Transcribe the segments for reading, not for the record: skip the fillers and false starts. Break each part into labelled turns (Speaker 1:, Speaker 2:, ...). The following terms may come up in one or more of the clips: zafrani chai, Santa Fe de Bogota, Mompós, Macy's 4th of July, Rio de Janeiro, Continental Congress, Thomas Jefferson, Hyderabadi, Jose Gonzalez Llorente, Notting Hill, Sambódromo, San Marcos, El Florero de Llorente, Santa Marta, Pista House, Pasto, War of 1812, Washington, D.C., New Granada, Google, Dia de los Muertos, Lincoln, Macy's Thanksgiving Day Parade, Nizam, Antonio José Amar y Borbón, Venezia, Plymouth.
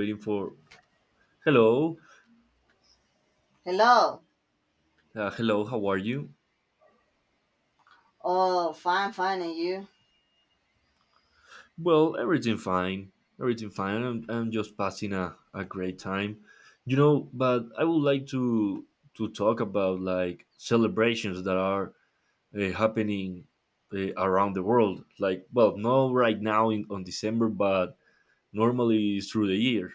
Speaker 1: Waiting for hello.
Speaker 2: Hello.
Speaker 1: Hello, how are you?
Speaker 2: Oh, fine, fine, and you?
Speaker 1: Well, everything fine, everything fine. I'm just passing a great time but I would like to talk about like celebrations that are happening around the world, like, well, not right now in on december but normally through the year.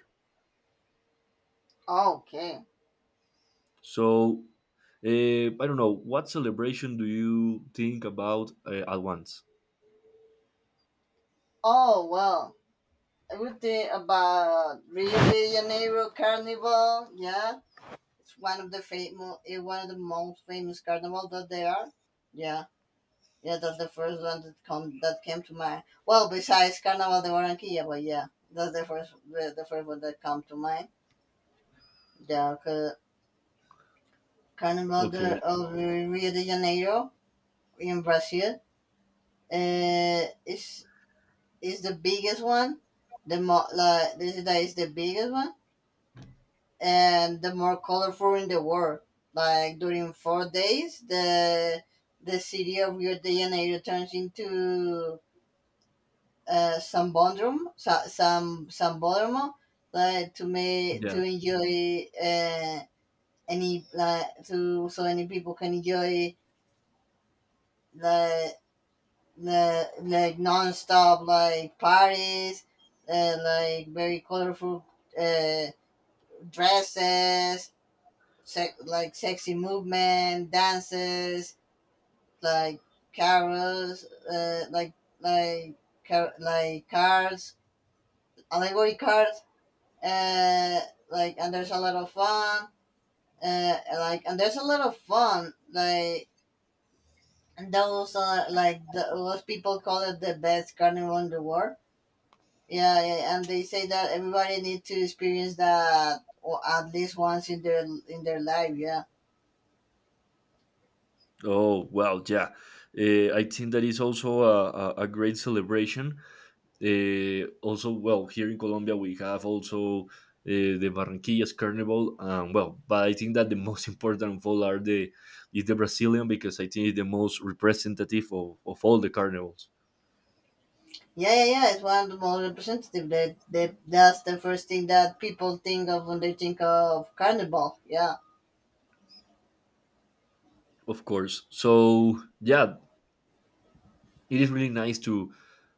Speaker 2: Okay.
Speaker 1: So I don't know, what celebration do you think about at once?
Speaker 2: Oh, well, everything about Rio de Janeiro Carnival, yeah, it's one of the famous, one of the most famous carnival that there are. Yeah, yeah, that's the first one that come that came to mind. Well, besides Carnaval de Barranquilla, but yeah, that's the first one that come to mind. Yeah, 'cause Carnival de
Speaker 1: Okay,
Speaker 2: of Rio de Janeiro in Brazil. It's is the biggest one. The more like this is that is the biggest one and the more colorful in the world. Like during 4 days, the city of Rio de Janeiro turns into Sambódromo, Sambódromo, like to make
Speaker 1: yeah.
Speaker 2: to enjoy any like to so any people can enjoy like the like non-stop like parties, like very colorful uh, dresses, like sexy movement, dances, like carols, uh, like like like cards, allegory cards, uh, like and there's a lot of fun, like and there's a lot of fun, like and those are like those people call it the best carnival in the world. Yeah, yeah, and they say that everybody need to experience that or at least once in their life. Yeah.
Speaker 1: Oh well, yeah. I think that is also a great celebration. Also, well, here in Colombia we have also the Barranquillas Carnival. Well, but I think that the most important of all are the is the Brazilian, because I think it's the most representative of all the carnivals,
Speaker 2: Yeah, yeah, yeah. It's one of the most representative. That's the first thing that people think of when they think of carnival. Yeah.
Speaker 1: of course. So yeah, it is really nice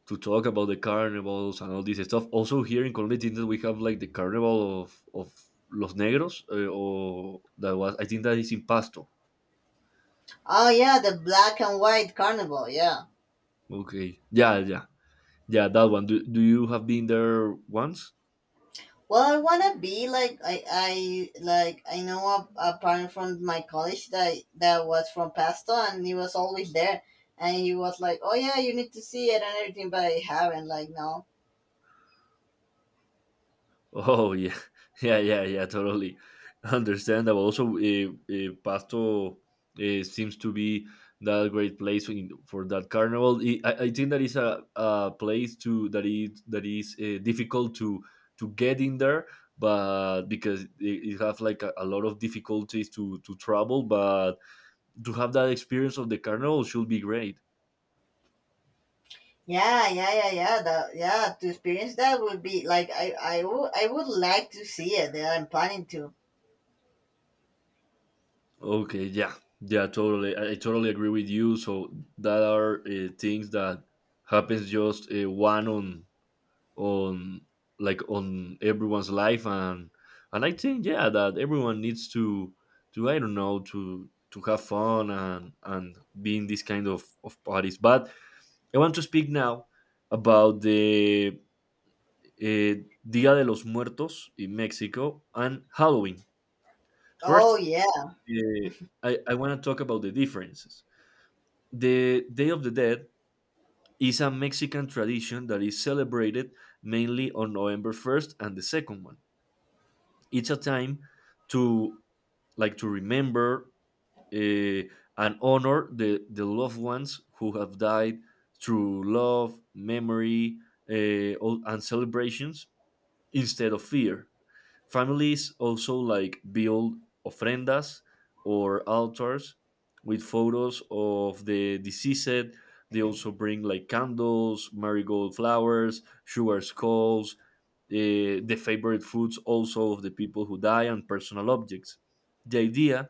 Speaker 1: to talk about the carnivals and all this stuff. Also here in Colombia, didn't we have like the carnival of Los Negros? Or that was I think that is in Pasto.
Speaker 2: Oh yeah, the black and white carnival. Yeah.
Speaker 1: Okay, yeah, yeah, yeah. That one. Do you have been there once?
Speaker 2: Well, I wanna be like I know a parent from my college that was from Pasto and he was always there, and he was like, oh yeah, you need to see it and everything, but I haven't like no.
Speaker 1: Oh yeah, yeah, yeah, yeah. Totally understandable. Also, Pasto seems to be that great place in, for that carnival. I think that is a place to that is difficult to get in there, but because it have like a lot of difficulties to travel. But to have that experience of the carnival should be great.
Speaker 2: Yeah, yeah, yeah, yeah. That yeah, to experience that would be like I would like to see it. That I'm planning to.
Speaker 1: Okay, yeah, yeah, totally. I totally agree with you. So that are things that happens just one on like on everyone's life, and I think yeah that everyone needs to I don't know to have fun and be in this kind of parties. But I want to speak now about the uh, Dia de los Muertos in Mexico and Halloween. First,
Speaker 2: Oh yeah,
Speaker 1: uh, I want to talk about the differences. The Day of the Dead is a Mexican tradition that is celebrated mainly on November 1st and the second one. It's a time to like to remember eh, and honor the loved ones who have died through love, memory, and celebrations instead of fear. Families also like build ofrendas or altars with photos of the deceased. They also bring like candles, marigold flowers, sugar skulls, the favorite foods also of the people who die, and personal objects. The idea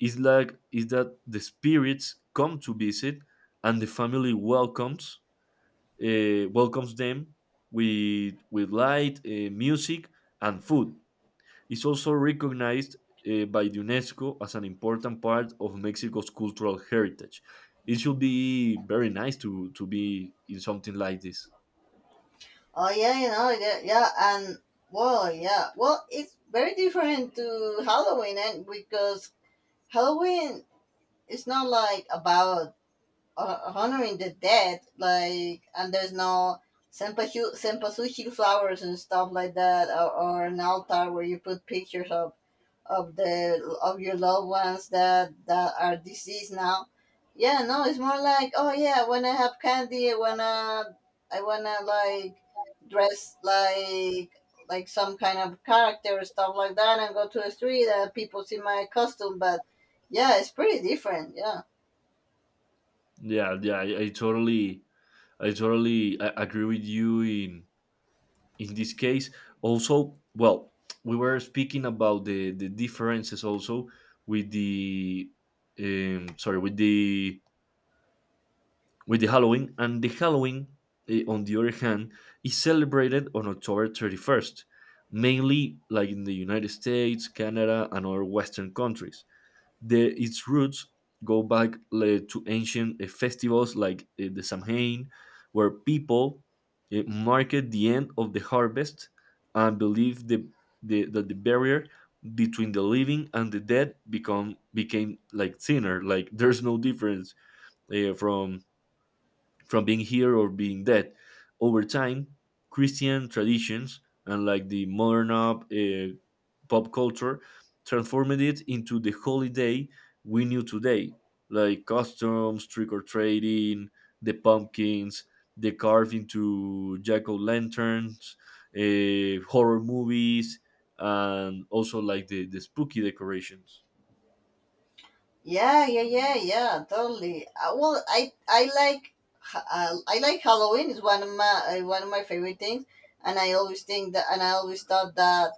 Speaker 1: is that the spirits come to visit, and the family welcomes welcomes them with light, music, and food is also recognized by the UNESCO as an important part of Mexico's cultural heritage. It should be very nice to be in something like this.
Speaker 2: oh yeah, you know, yeah, yeah, and Well, yeah, well, it's very different to Halloween, and because Halloween is not like about honoring the dead, like, and there's no senpachu senpasuchi flowers and stuff like that, or an altar where you put pictures of the of your loved ones that are deceased now. Yeah, no, it's more like, oh yeah, when I wanna have candy, I wanna like dress like some kind of character or stuff like that and go to the street and people see my costume, but yeah, it's pretty different, yeah.
Speaker 1: Yeah, yeah, I totally agree with you in this case. Also, well, we were speaking about the differences also with the, sorry, with the Halloween, and the Halloween, on the other hand, is celebrated on October 31st, mainly like in the United States, Canada, and other Western countries. The, its roots go back to ancient festivals like the Samhain, where people marked the end of the harvest and believed that the barrier between the living and the dead become became like thinner, like there's no difference eh, from from being here or being dead. Over time, Christian traditions and like the modern pop culture transformed it into the holiday we knew today, like customs, trick or trading, the pumpkins, the carved into jack o' lanterns, horror movies, and also like the spooky decorations.
Speaker 2: Yeah, yeah, yeah, yeah, totally. Well, I like Halloween. It's one of my favorite things, and I always thought that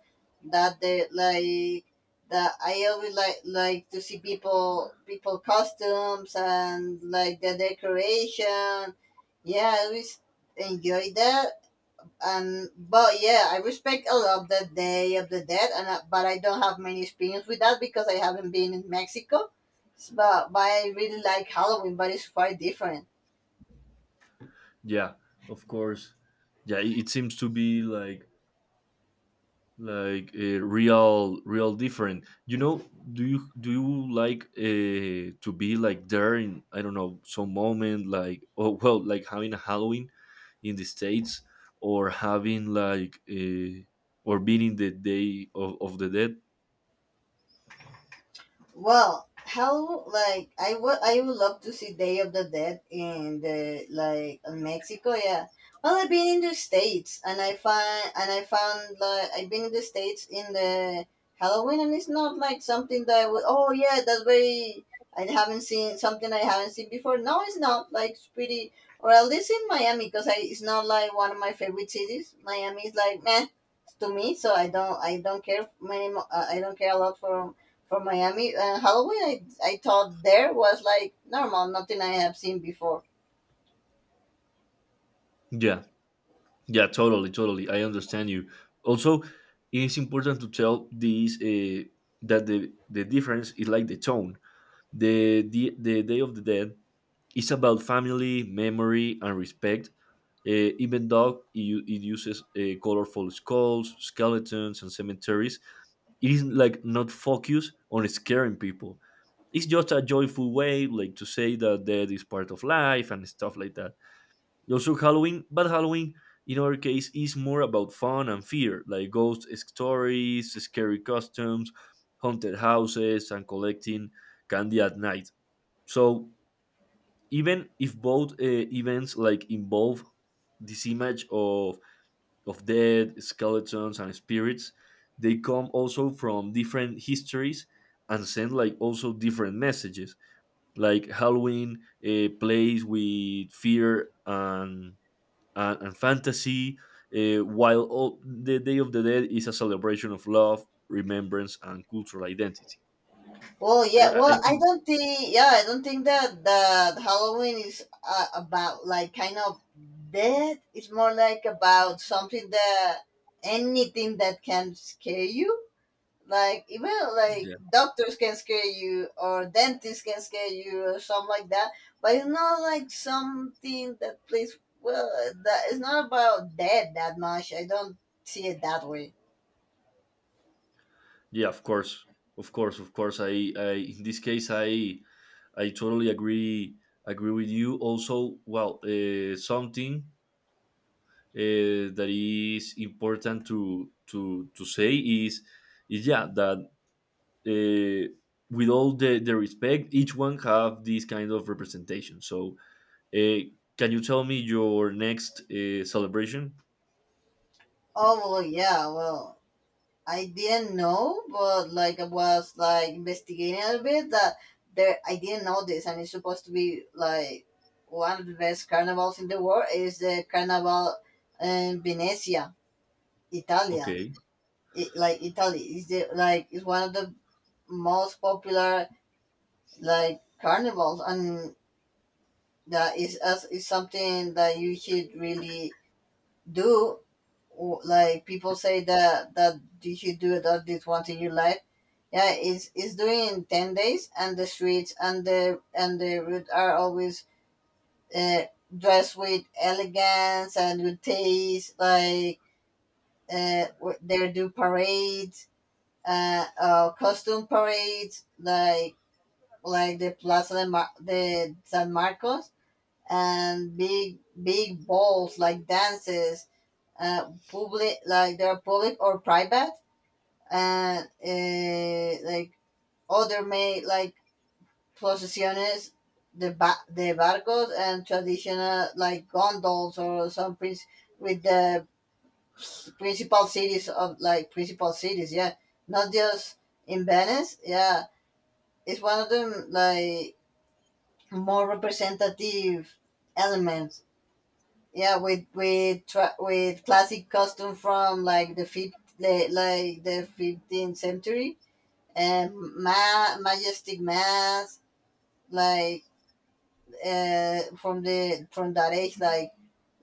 Speaker 2: that they like that I always like to see people costumes and like the decoration. Yeah, I always enjoy that, and but yeah, I respect a lot the Day of the Dead, but I don't have many experience with that because I haven't been in Mexico. But I really like Halloween, but it's quite different.
Speaker 1: Yeah, of course. Yeah, it seems to be like real real different, you know, do you like to be like there in I don't know some moment like oh well like having a halloween in the states or having like or being in the day of the dead.
Speaker 2: Well, how like I would love to see Day of the Dead in the like in Mexico, yeah. Well, I've been in the states and I find and I found like I've been in the states in the Halloween, and it's not like something that I would oh yeah that's very I haven't seen something I haven't seen before. No, it's not like it's pretty or at least in Miami because I it's not like one of my favorite cities. Miami is like meh to me, so I don't care I don't care a lot for Miami and Halloween. I thought there was like normal, nothing I have seen before.
Speaker 1: Yeah, yeah, totally, totally, I understand you. Also it is important to tell these that the difference is like the tone. The Day of the Dead is about family, memory, and respect, even though it uses colorful skulls, skeletons, and cemeteries. It is like not focused on scaring people. It's just a joyful way, like to say that death is part of life and stuff like that. Also, Halloween, but Halloween in our case is more about fun and fear, like ghost stories, scary costumes, haunted houses, and collecting candy at night. So even if both events like involve this image of dead skeletons and spirits, they come also from different histories and send like also different messages. Like Halloween plays with fear and and fantasy, while the Day of the Dead is a celebration of love, remembrance, and cultural identity.
Speaker 2: Well, yeah,
Speaker 1: I
Speaker 2: well,
Speaker 1: think
Speaker 2: I don't think that Halloween is about like kind of death. It's more like about something that anything that can scare you. Like even like
Speaker 1: yeah.
Speaker 2: doctors can scare you or dentists can scare you or something like that. But it's not like something that plays well that it's not about death that much. I don't see it that way.
Speaker 1: Yeah, of course, of course, of course. I in this case, I totally agree with you. Also, well, something that is important to say is yeah, that uh, with all the respect, each one have this kind of representation. So, uh, can you tell me your next celebration?
Speaker 2: Oh well yeah, well I didn't know, but like I was like investigating a bit that there I didn't know this, and it's supposed to be like one of the best carnivals in the world is the carnival in Venezia, Italia.
Speaker 1: Okay.
Speaker 2: It, like Italy is the like is one of the most popular like carnivals, and that is as is something that you should really do. Like people say that you should do it at least once in your life. Yeah, it's doing 10 days, and the streets and the route are always uh, dressed with elegance and with taste. Like they do parades, costume parades, like the San Marcos and big big balls like dances, public, like they're public or private, and other made like procesiones, the barcos and traditional like gondolas or some prince with the principal cities of like principal cities, yeah, not just in Venice, yeah. It's one of them like more representative elements. Yeah, with classic costume from like like the 15th century and majestic mass like from the from that age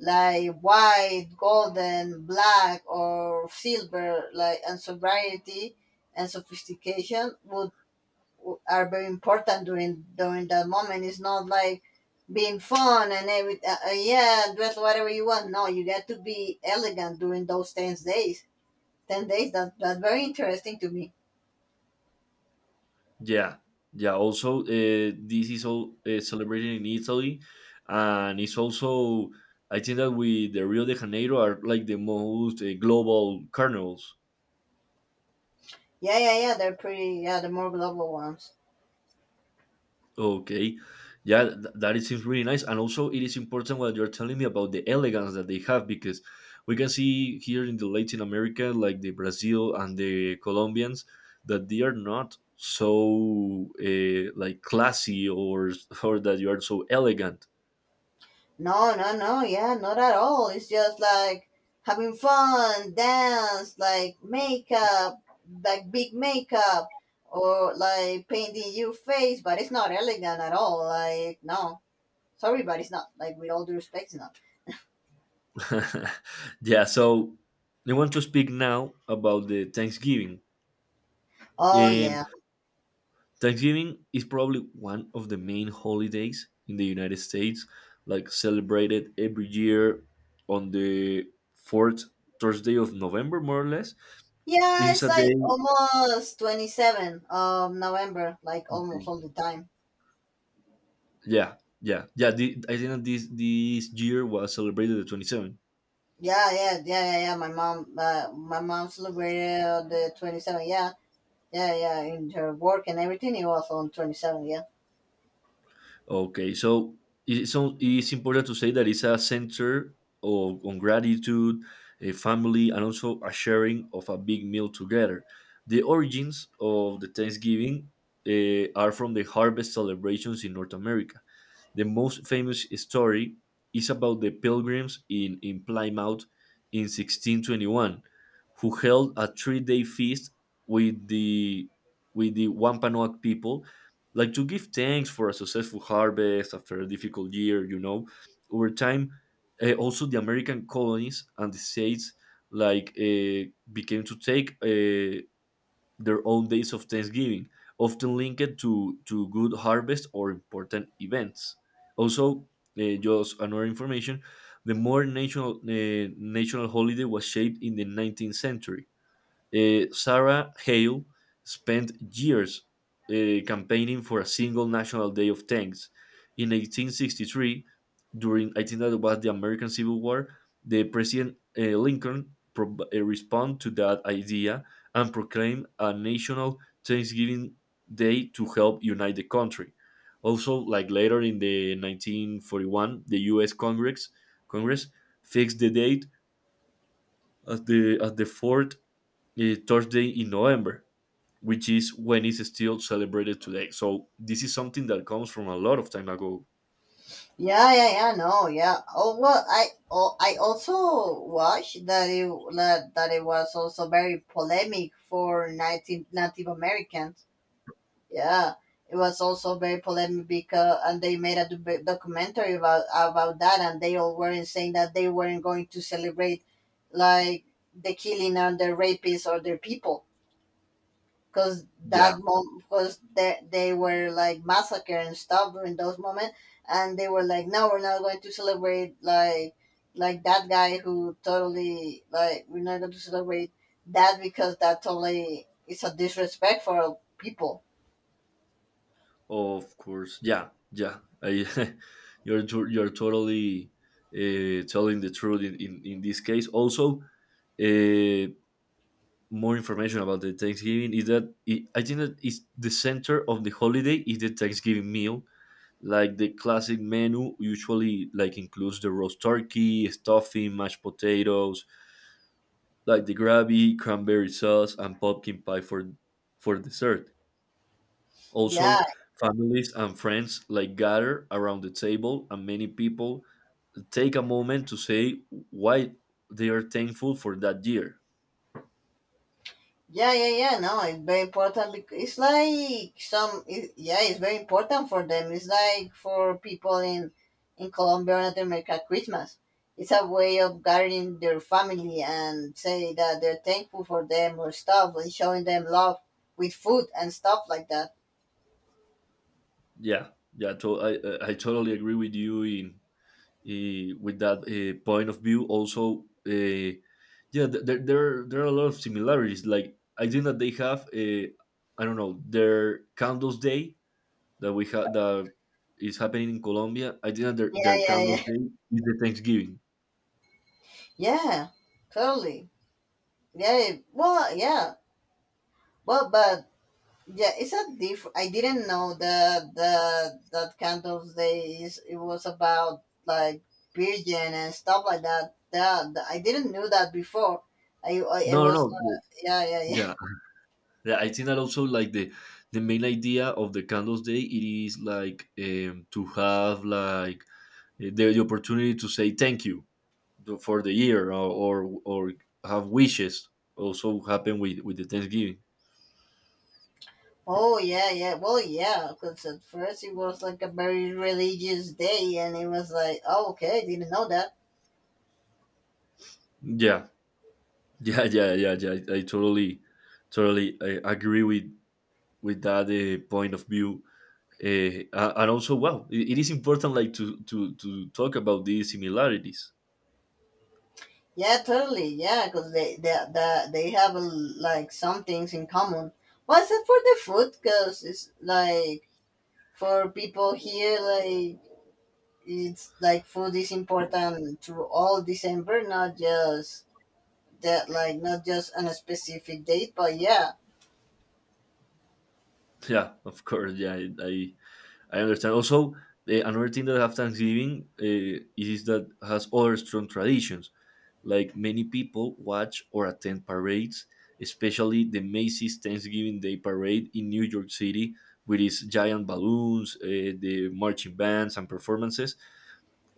Speaker 2: like white, golden, black or silver like and sobriety and sophistication are very important during during that moment. It's not like being fun and every yeah, dress whatever you want. No, you got to be elegant during those 10 days. 10 days. That's very interesting to me.
Speaker 1: Yeah, yeah. Also, this is all celebrated in Italy, and it's also I think that we the Rio de Janeiro are like the most global carnivals.
Speaker 2: Yeah, yeah, yeah. They're pretty. Yeah, the more global ones.
Speaker 1: Okay, yeah, that it seems really nice, and also it is important what you're telling me about the elegance that they have, because we can see here in the Latin America, like the Brazil and the Colombians, that they are not so like classy or that you are so elegant.
Speaker 2: No, no, no. Yeah, not at all. It's just like having fun, dance, like makeup, like big makeup, or like painting your face. But it's not elegant at all. Like no. Sorry, but it's not like, with all due respect, it's not.
Speaker 1: Yeah, so I want to speak now about the Thanksgiving.
Speaker 2: Oh
Speaker 1: Um,
Speaker 2: yeah,
Speaker 1: Thanksgiving is probably one of the main holidays in the United States, like celebrated every year on the fourth Thursday of November, more or less.
Speaker 2: yeah.
Speaker 1: It's
Speaker 2: It's
Speaker 1: a
Speaker 2: like
Speaker 1: day.
Speaker 2: almost 27 of November, like almost all the time.
Speaker 1: Yeah, yeah, yeah. The, I think that this year was celebrated the 27th.
Speaker 2: Yeah, yeah, yeah, yeah, yeah. My mom celebrated the 27. Yeah, yeah, yeah. In her work and everything, it was on 27. Yeah,
Speaker 1: Okay, so it's important to say that it's a center of, on gratitude, a family, and also a sharing of a big meal together. The origins of the Thanksgiving are from the harvest celebrations in North America. The most famous story is about the pilgrims in Plymouth in 1621, who held a three-day feast with the with the Wampanoag people, like to give thanks for a successful harvest after a difficult year. You know, over time, also the American colonies and the states like became to take their own days of Thanksgiving, often linked to good harvest or important events. Also, just another information, the more national, national holiday was shaped in the 19th century. Sarah Hale spent years campaigning for a single National Day of Thanks. In 1863, during I think that was the American Civil War, the President Lincoln responded to that idea and proclaimed a national Thanksgiving Day to help unite the country. Also, like later in the 1941, the U.S. Congress Congress fixed the date as the fourth Thursday in November, which is when it's still celebrated today. So this is something that comes from a lot of time ago.
Speaker 2: yeah, yeah, yeah, No, yeah. Oh well, oh, I also watched that it that it was also very polemic for Native Native Americans. Yeah, it was also very polemic because and they made a documentary about that, and they all were saying that they weren't going to celebrate like the killing and the rapists or their people because
Speaker 1: Yeah.
Speaker 2: that moment because they were like massacre and stuff during those moments, and they were like, no, we're not going to celebrate like that guy who totally like we're not going to celebrate that because that totally is a disrespect for people,
Speaker 1: Of course, yeah, yeah. I, you're totally telling the truth in this case. Also, uh, more information about the Thanksgiving is that it, I think that it's the center of the holiday is the Thanksgiving meal. Like the classic menu usually like includes the roast turkey, stuffing, mashed potatoes, like the gravy, cranberry sauce, and pumpkin pie for dessert.
Speaker 2: yeah.
Speaker 1: Also, families and friends like gather around the table, and many people take a moment to say why they are thankful for that year.
Speaker 2: Yeah, yeah, yeah. No, it's very important because it's like some. It, yeah, it's very important for them. It's like for people in Colombia or Latin America, Christmas. It's a way of gathering their family and say that they're thankful for them or stuff and showing them love with food and stuff like that.
Speaker 1: Yeah, yeah, I totally agree with you in, with that point of view. Also, yeah, there there there are a lot of similarities. Like I think that they have, I don't know, their candles day that we had that is happening in Colombia. I think that
Speaker 2: Yeah,
Speaker 1: their
Speaker 2: yeah,
Speaker 1: candles
Speaker 2: yeah,
Speaker 1: day is the Thanksgiving.
Speaker 2: yeah. Totally. Yeah. Well, yeah. But yeah, it's a diff. I didn't know that the that kind candles days it was about like virgin and stuff like that. That I didn't know that before. I
Speaker 1: No,
Speaker 2: was
Speaker 1: no, no.
Speaker 2: yeah yeah yeah.
Speaker 1: Yeah. Yeah. I think that also like the main idea of the candles day it is like to have like the opportunity to say thank you for the year or have wishes, also happen with the Thanksgiving.
Speaker 2: Oh yeah yeah. Well yeah, because at first it was like a very religious day, and it was like oh okay, I didn't know that.
Speaker 1: Yeah. Yeah, yeah, yeah, yeah. I totally totally I agree with that point of view, and also, wow, it is important, like, to talk about these similarities.
Speaker 2: Yeah, totally. Yeah, because they have like some things in common. Was it for the food? Because it's like for people here like it's like food is important through all december, not just that like not just on a specific date, but yeah.
Speaker 1: Yeah, of course. Yeah, I understand also. Another thing that have Thanksgiving, is that has other strong traditions. Like, many people watch or attend parades, especially the Macy's Thanksgiving Day Parade in New York City with its giant balloons, the marching bands and performances.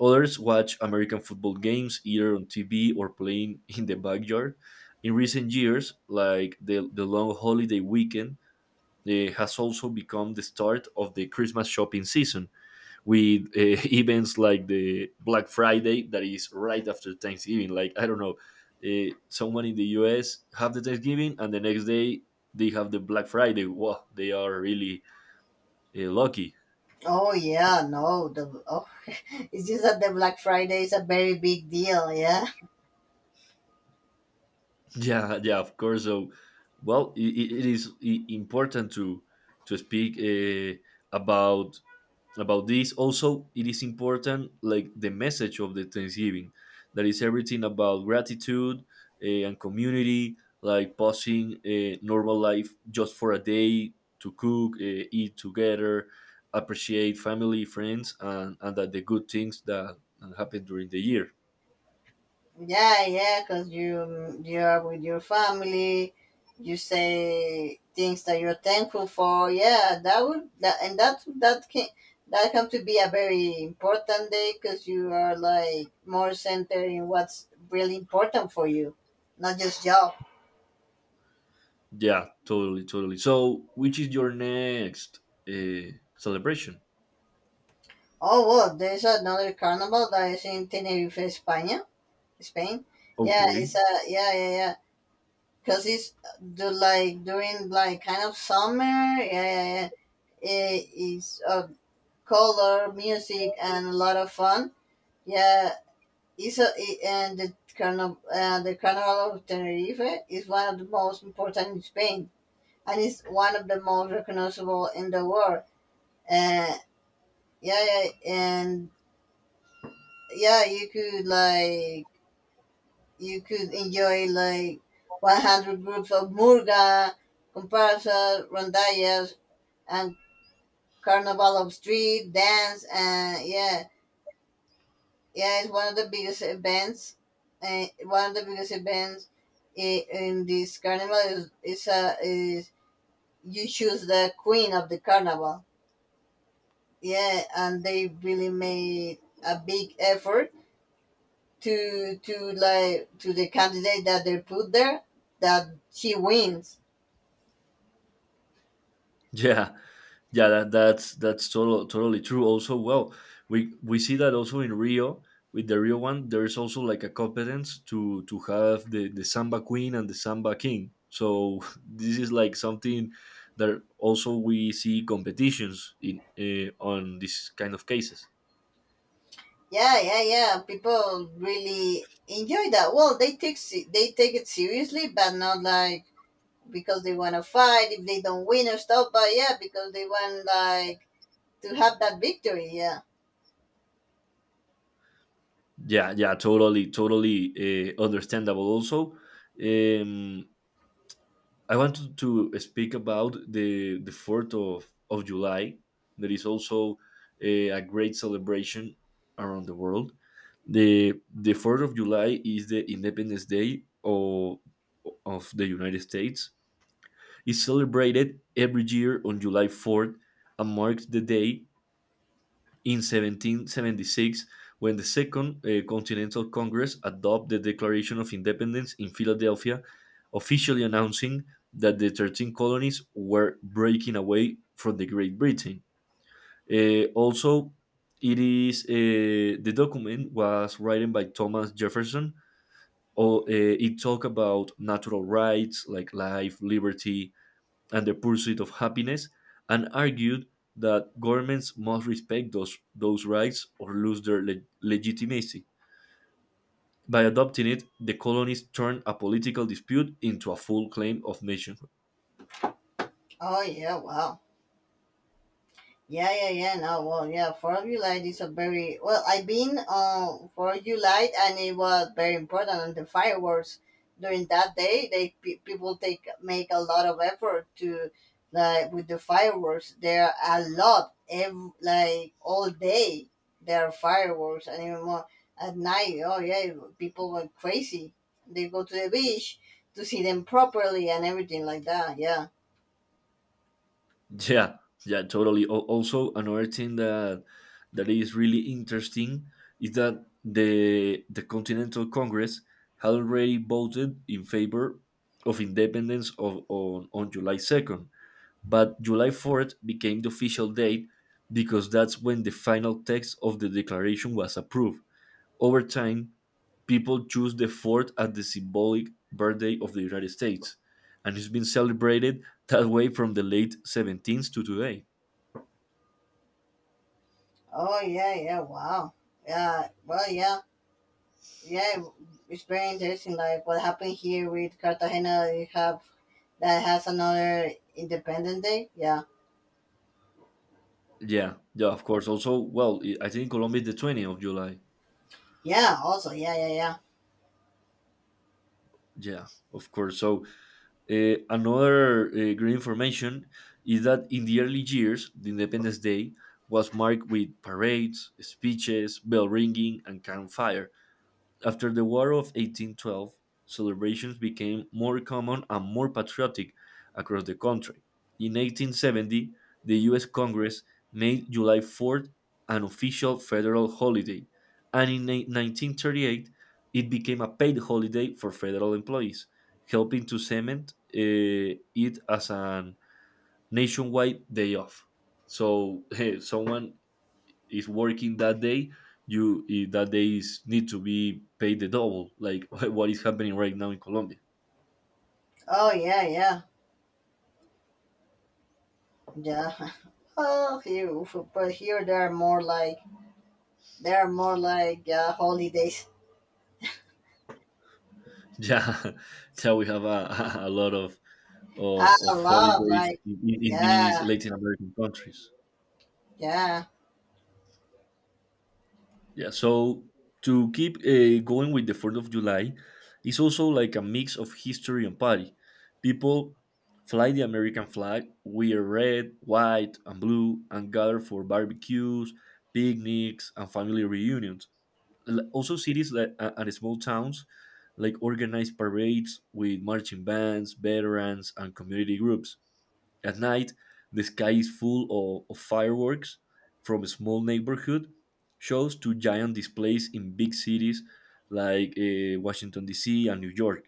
Speaker 1: Others watch American football games either on TV or playing in the backyard. In recent years, like the long holiday weekend, has also become the start of the Christmas shopping season with events like the Black Friday that is right after Thanksgiving. Like, I don't know, someone in the US have the Thanksgiving and the next day they have the Black Friday. Wow, they are really lucky.
Speaker 2: Oh yeah, no, the oh it's just that the black friday is a very big deal, yeah.
Speaker 1: Yeah, yeah, of course. So, well, it is important to speak, about this. Also, it is important, like, the message of the Thanksgiving, that is everything about gratitude, and community, like pausing a normal life just for a day to cook, eat together, appreciate family, friends, and that the good things that happen during the year.
Speaker 2: Yeah, yeah, because you are with your family, you say things that you're thankful for. Yeah, that would that can that come to be a very important day because you are like more centered in what's really important for you, not just job.
Speaker 1: Yeah, totally, totally. So, which is your next celebration?
Speaker 2: Oh well, there's another carnival that is in Tenerife, España, Spain. Yeah,
Speaker 1: Okay.
Speaker 2: it's a yeah yeah yeah. Cause it's do like during like kind of summer. Yeah yeah yeah. It is a color, music, and a lot of fun. Yeah, it's a, it- and the Carnival of Tenerife is one of the most important in Spain, and it's one of the most recognizable in the world. Uh, yeah, yeah, and yeah, you could like you could enjoy like 100 groups of murga, comparsa, rondallas, and carnival of street dance, and yeah, yeah, it's one of the biggest events. One of the biggest events in this carnival is you choose the queen of the carnival. Yeah, and they really made a big effort to like to the candidate that they put there that she wins.
Speaker 1: Yeah, yeah, that's totally true. Also, well, we see that also in Rio with the Rio one. There is also like a competence to have the samba queen and the samba king. So, this is like something that also we see competitions in on this kind of cases.
Speaker 2: Yeah, yeah, yeah. People really enjoy that. Well, they take they take it seriously, but not like because they want to fight if they don't win or stuff. But yeah, because they want like to have that victory. Yeah.
Speaker 1: Yeah, yeah, totally, totally, understandable. Also, um, I wanted to speak about the Fourth of July. There is also a great celebration around the world. The Fourth of July is the Independence Day of the United States. It's celebrated every year on July Fourth and marks the day in 1776 when the Second Continental Congress adopted the Declaration of Independence in Philadelphia, officially announcing that the 13 colonies were breaking away from the Great Britain. Also, it is the document was written by Thomas Jefferson. Or, it talked about natural rights like life, liberty, and the pursuit of happiness, and argued that governments must respect those rights or lose their legitimacy. By adopting it, the colonies turned a political dispute into a full claim of nationhood.
Speaker 2: Oh yeah. Wow. Yeah, yeah, yeah. No, well, yeah. Four of you is a very well. I've been on Four of you and it was very important. And the fireworks during that day, they people take make a lot of effort to like with the fireworks. There are a lot every like all day. There are fireworks, and even more at night. Oh yeah, people went crazy. They go to the beach to see them properly and everything like that. Yeah.
Speaker 1: Yeah, yeah, totally. Also, another thing that is really interesting is that the Continental Congress had already voted in favor of independence on July 2nd. But July 4th became the official date because that's when the final text of the declaration was approved. Over time, people choose the 4th as the symbolic birthday of the United States, and it's been celebrated that way from the late 17th to today.
Speaker 2: Oh yeah, yeah. Wow. Yeah. Well, yeah. Yeah, it's very interesting. Like what happened here with Cartagena, you have that has another Independence Day. Yeah,
Speaker 1: Yeah, yeah, of course. Also, well, I think Colombia is the 20th of July.
Speaker 2: yeah. Also, yeah, yeah, yeah.
Speaker 1: Yeah, of course. So, another great information is that in the early years, the Independence Day was marked with parades, speeches, bell ringing, and campfire. After the War of 1812, celebrations became more common and more patriotic across the country. In 1870, the US Congress made July 4th an official federal holiday, and in 1938, it became a paid holiday for federal employees, helping to cement it as a nationwide day off. So, someone is working that day, that they is, need to be paid the double, like what is happening right now in Colombia.
Speaker 2: Oh, yeah, yeah, yeah. Oh, here, but here there are more like there are more like holidays.
Speaker 1: Yeah. Yeah, we have a lot of
Speaker 2: I
Speaker 1: of, of
Speaker 2: love
Speaker 1: holidays
Speaker 2: like
Speaker 1: in
Speaker 2: yeah,
Speaker 1: these Latin American countries.
Speaker 2: yeah.
Speaker 1: Yeah, so to keep going with the Fourth of July, it's also like a mix of history and party. People fly the American flag, wear red, white, and blue, and gather for barbecues, picnics, and family reunions. Also, cities that and small towns like organize parades with marching bands, veterans, and community groups. At night, the sky is full of fireworks from small neighborhood shows to giant displays in big cities like Washington, D.C., and New York.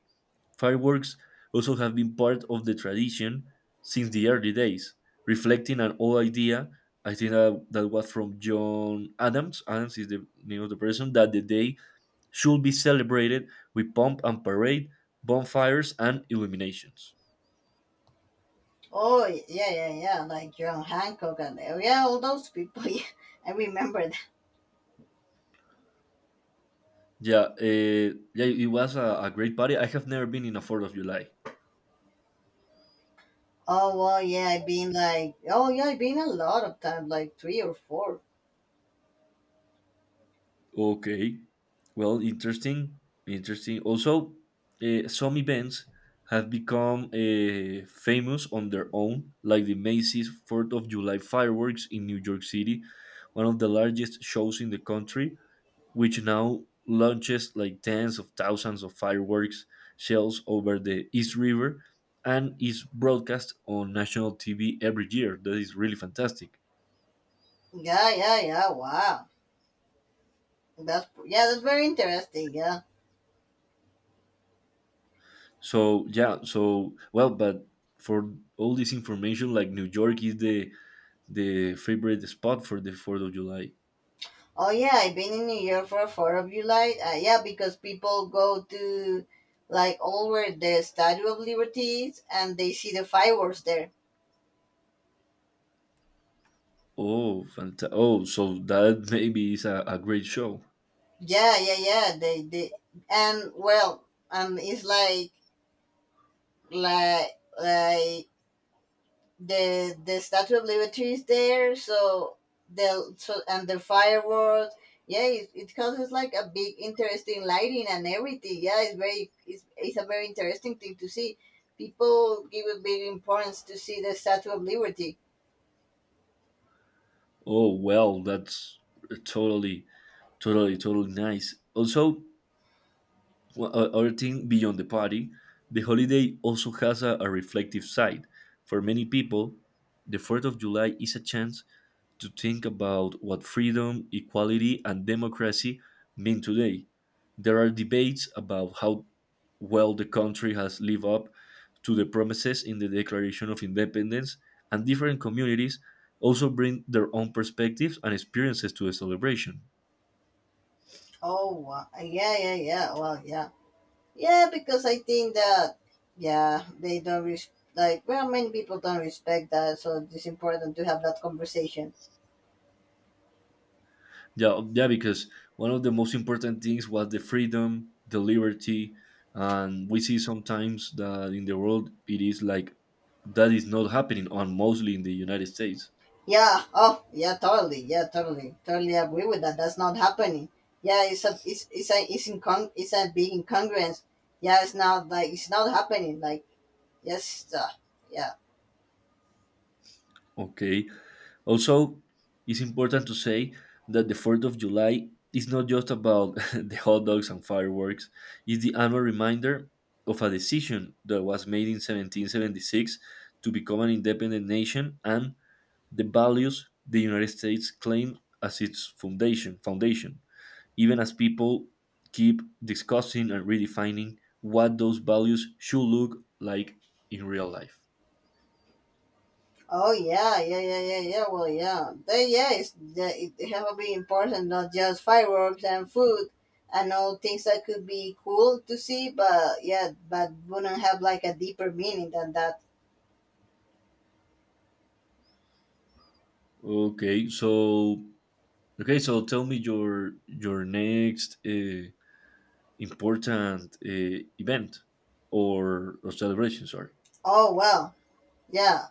Speaker 1: Fireworks also have been part of the tradition since the early days, reflecting an old idea. I think that was from John Adams. Adams is the name of the person that the day should be celebrated with pomp and parade, bonfires, and illuminations.
Speaker 2: Oh, yeah, yeah, yeah. Like John Hancock and oh, yeah, all those people. Yeah, I remember that.
Speaker 1: Yeah, yeah, it was a great party. I have never been in a Fourth of July.
Speaker 2: Oh well, yeah, I've been like, oh yeah, I've been a lot of times, like three or four.
Speaker 1: Okay. Well, interesting. Interesting. Also, some events have become famous on their own, like the Macy's 4th of July fireworks in New York City, one of the largest shows in the country, which now launches like tens of thousands of fireworks shells over the East River and is broadcast on national TV every year. That is really fantastic.
Speaker 2: Yeah, yeah, yeah. Wow. That's yeah, that's very interesting. Yeah.
Speaker 1: So yeah, so well, but for all this information, like New York is the favorite spot for the Fourth of July.
Speaker 2: Oh yeah, I've been in New York for Fourth of July. Yeah, because people go to like all where the Statue of Liberty is, and they see the fireworks there.
Speaker 1: Oh, so that maybe is a great show.
Speaker 2: Yeah, yeah, yeah. They and well, and it's like like the Statue of Liberty is there, so the so and the fireworks. Yeah, it causes like a big interesting lighting and everything. Yeah, it's very it's a very interesting thing to see. People give a big importance to see the Statue of Liberty.
Speaker 1: Oh well, that's totally, totally, totally nice. Also, other thing beyond the party, the holiday also has a reflective side. For many people, the Fourth of July is a chance to think about what freedom, equality, and democracy mean today. There are debates about how well the country has lived up to the promises in the Declaration of Independence, and different communities also bring their own perspectives and experiences to the celebration.
Speaker 2: Oh wow. Yeah, yeah, yeah. Well, yeah, yeah, because I think that yeah they don't res- like well many people don't respect that, so it's important to have that conversation.
Speaker 1: Yeah, yeah, because one of the most important things was the freedom, the liberty, and we see sometimes that in the world it is like that is not happening, and mostly in the United States.
Speaker 2: Yeah. Oh, yeah. Totally. Yeah. Totally. Totally agree with that. That's not happening. Yeah. It's a big incongruence. Yeah. It's not like it's not happening. Like yes. Yeah.
Speaker 1: Okay. Also, it's important to say that the 4th of July is not just about the hot dogs and fireworks, it's the annual reminder of a decision that was made in 1776 to become an independent nation and the values the United States claimed as its foundation. Even as people keep discussing and redefining what those values should look like in real life.
Speaker 2: Oh yeah. Yeah. Yeah. Yeah. Yeah. Well. Yeah. They, yeah. It's the, it have to be important. Not just fireworks and food and all things that could be cool to see, but yeah, but wouldn't have like a deeper meaning than that.
Speaker 1: Okay, so Okay, so tell me your next important event or celebration. Sorry.
Speaker 2: Oh well. Yeah.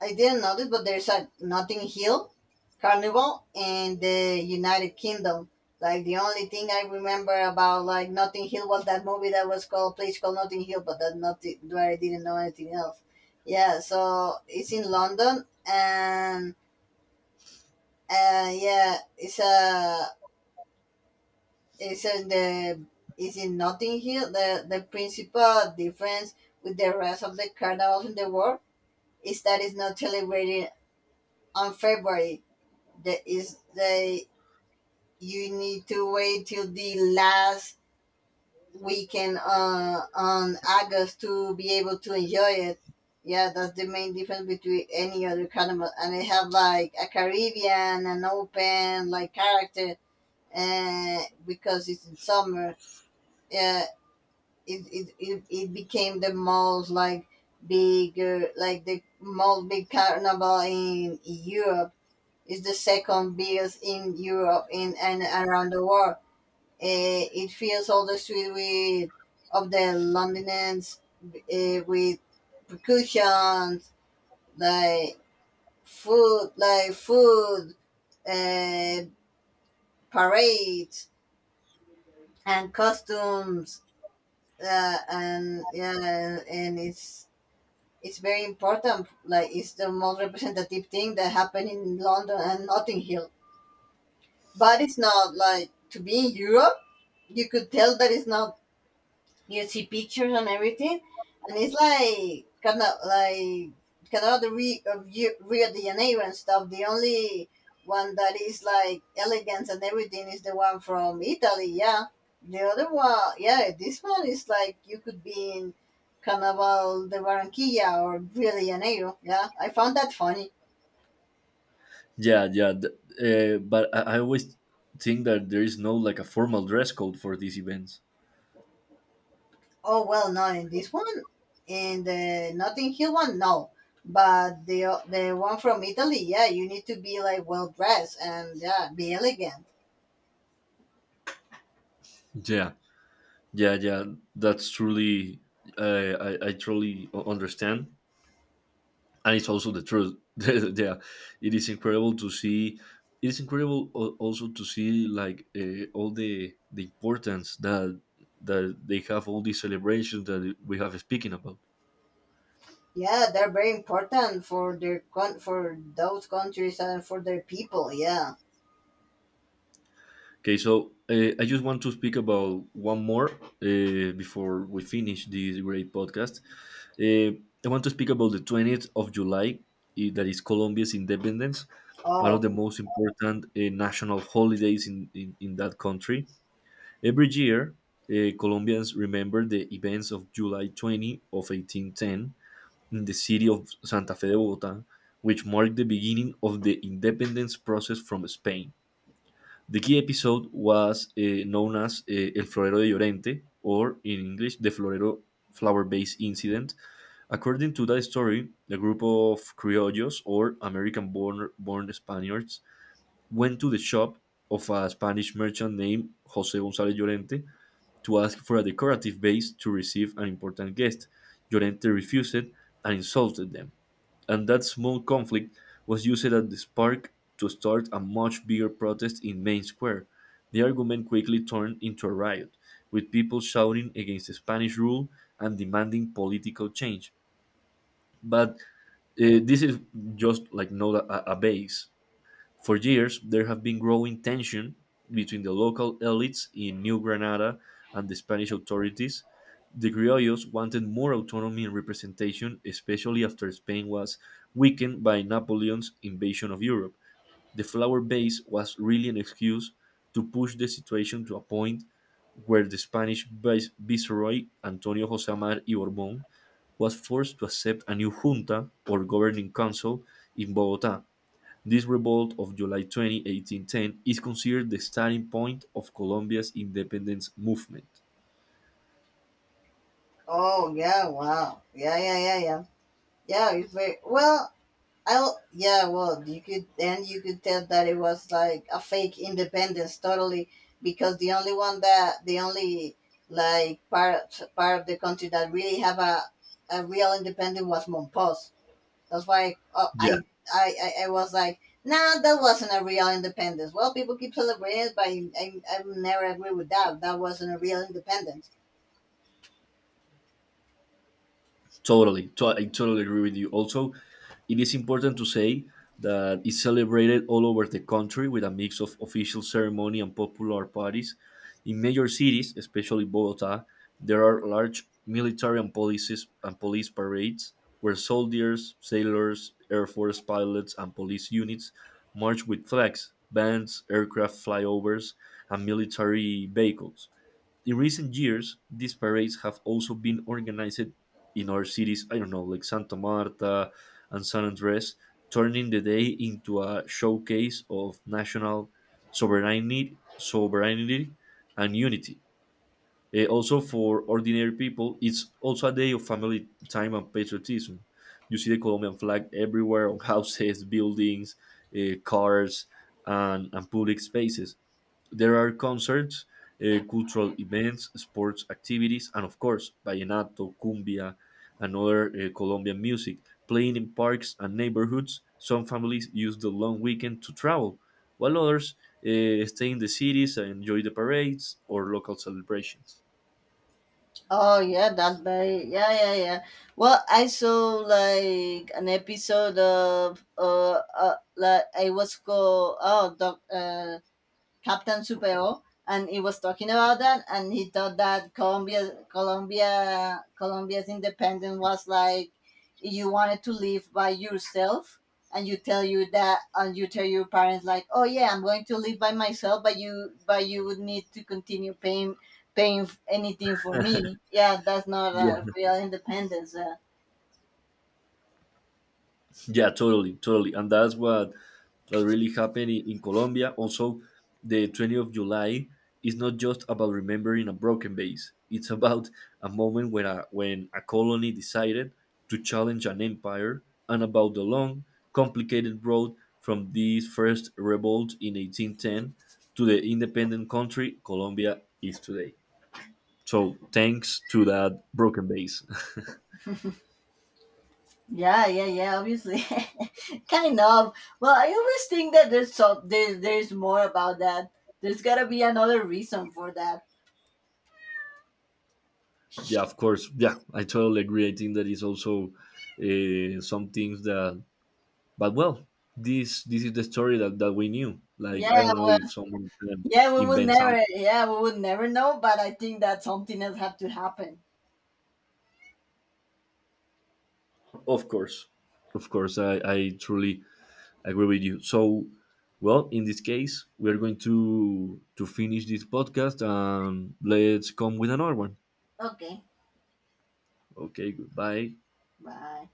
Speaker 2: I didn't notice, but there's a Notting Hill Carnival in the United Kingdom. Like the only thing I remember about like Notting Hill was that movie that was called Place Called Notting Hill, but that not where I didn't know anything else. Yeah, so it's in London and yeah, it's a it's in the it's in Notting Hill. The principal difference with the rest of the carnivals in the world is that it's not celebrated on February that is that you need to wait till the last weekend on August to be able to enjoy it. Yeah, that's the main difference between any other carnival. And they have like a Caribbean, an open like character, uh, because it's in summer. Yeah, it became the most like bigger, like the most big carnival in Europe. It's the second biggest in Europe in and around the world. It fills all the street with of the Londoners with percussion, like like food, eh, parades and costumes, and yeah, and it's very important. Like it's the most representative thing that happened in London and Notting Hill. But it's not like to be in Europe you could tell that it's not you see pictures and everything and it's like kind of the Rio de Janeiro and stuff. The only one that is like elegance and everything is the one from Italy. Yeah, the other one. Yeah, this one is like you could be in Carnaval de Barranquilla or Rio de Janeiro. Yeah, I found that funny.
Speaker 1: Yeah, yeah. But I always think that there is no like a formal dress code for these events.
Speaker 2: Oh well, no, in this one, in the Notting Hill one, no. But the the one from Italy, yeah, you need to be like well dressed and yeah, be elegant.
Speaker 1: Yeah, yeah, yeah. That's truly I truly understand. And it's also the truth. Yeah, it is incredible to see. It is incredible also to see like all the importance that they have all these celebrations that we have speaking about.
Speaker 2: Yeah, they're very important for their for those countries and for their people. Yeah.
Speaker 1: Okay, so I just want to speak about one more before we finish this great podcast. Uh, I want to speak about the 20th of July, that is Colombia's independence, one of
Speaker 2: Oh,
Speaker 1: the most important national holidays in that country. Every year, Colombians remember the events of July 20 of 1810 in the city of Santa Fe de Bogota, which marked the beginning of the independence process from Spain. The key episode was known as El Florero de Llorente, or in English, the Florero Flower Base Incident. According to that story, a group of criollos, or American born Spaniards, went to the shop of a Spanish merchant named Jose Gonzalez Llorente to ask for a decorative vase to receive an important guest. Llorente refused and insulted them, and that small conflict was used as the spark to start a much bigger protest in Main Square. The argument quickly turned into a riot, with people shouting against Spanish rule and demanding political change. But this is just like not a base. For years, there have been growing tension between the local elites in New Granada and the Spanish authorities. The criollos wanted more autonomy and representation, especially after Spain was weakened by Napoleon's invasion of Europe. The flower base was really an excuse to push the situation to a point where the Spanish viceroy Antonio José Amar y Borbón was forced to accept a new junta or governing council in Bogotá. This revolt of July 20, 1810, is considered the starting point of Colombia's independence movement.
Speaker 2: oh yeah, wow. Yeah, yeah, yeah, yeah. Yeah, it's very well. I yeah, well, you could, and you could tell that it was like a fake independence, totally, because the only one that, the only like part of the country that really have a real independence was Monpos. That's why
Speaker 1: Yeah.
Speaker 2: I was like, nah, that wasn't a real independence. Well, people keep celebrating it, but I would never agree with that. That wasn't a real independence.
Speaker 1: Totally, I totally agree with you. Also, it is important to say that it's celebrated all over the country with a mix of official ceremony and popular parties. In major cities, especially Bogota, there are large military and policies and police parades where soldiers, sailors, air force pilots, and police units march with flags, bands, aircraft flyovers, and military vehicles. In recent years, these parades have also been organized in our cities, I don't know, like Santa Marta and San Andres, turning the day into a showcase of national sovereignty and unity. Also, for ordinary people, it's also a day of family time and patriotism. You see the Colombian flag everywhere on houses, buildings, cars, and public spaces. There are concerts, cultural events, sports activities, and of course, vallenato, cumbia, and other Colombian music playing in parks and neighborhoods. Some families use the long weekend to travel, while others stay in the cities and enjoy the parades or local celebrations.
Speaker 2: Oh yeah, that's very yeah yeah yeah. Well, I saw like an episode of like I was called oh doc Captain Supero, and he was talking about that, and he thought that Colombia's independence was like you wanted to live by yourself, and you tell you that, and you tell your parents like, oh yeah, I'm going to live by myself, but you would need to continue paying anything for me. Yeah, that's not a
Speaker 1: Yeah.
Speaker 2: real independence.
Speaker 1: Yeah, totally, totally. And that's what that really happened in Colombia. Also, the 20th of July is not just about remembering a broken base. It's about a moment when a colony decided to challenge an empire and about the long, complicated road from this first revolt in 1810 to the independent country Colombia is today. So thanks to that broken base.
Speaker 2: Yeah, yeah, yeah. Obviously, kind of. Well, I always think that there's so there's more about that. There's gotta be another reason for that.
Speaker 1: Yeah, of course. Yeah, I totally agree. I think that is also some things that, but well, this is the story that we knew. Like,
Speaker 2: Yeah,
Speaker 1: I don't know if someone can
Speaker 2: yeah. We would
Speaker 1: invent something.
Speaker 2: never. Yeah, we would never know. But I think that something else had to happen.
Speaker 1: Of course, of course, I truly agree with you. So, well, in this case, we are going to finish this podcast and let's come with another one.
Speaker 2: Okay.
Speaker 1: Okay, goodbye.
Speaker 2: Bye.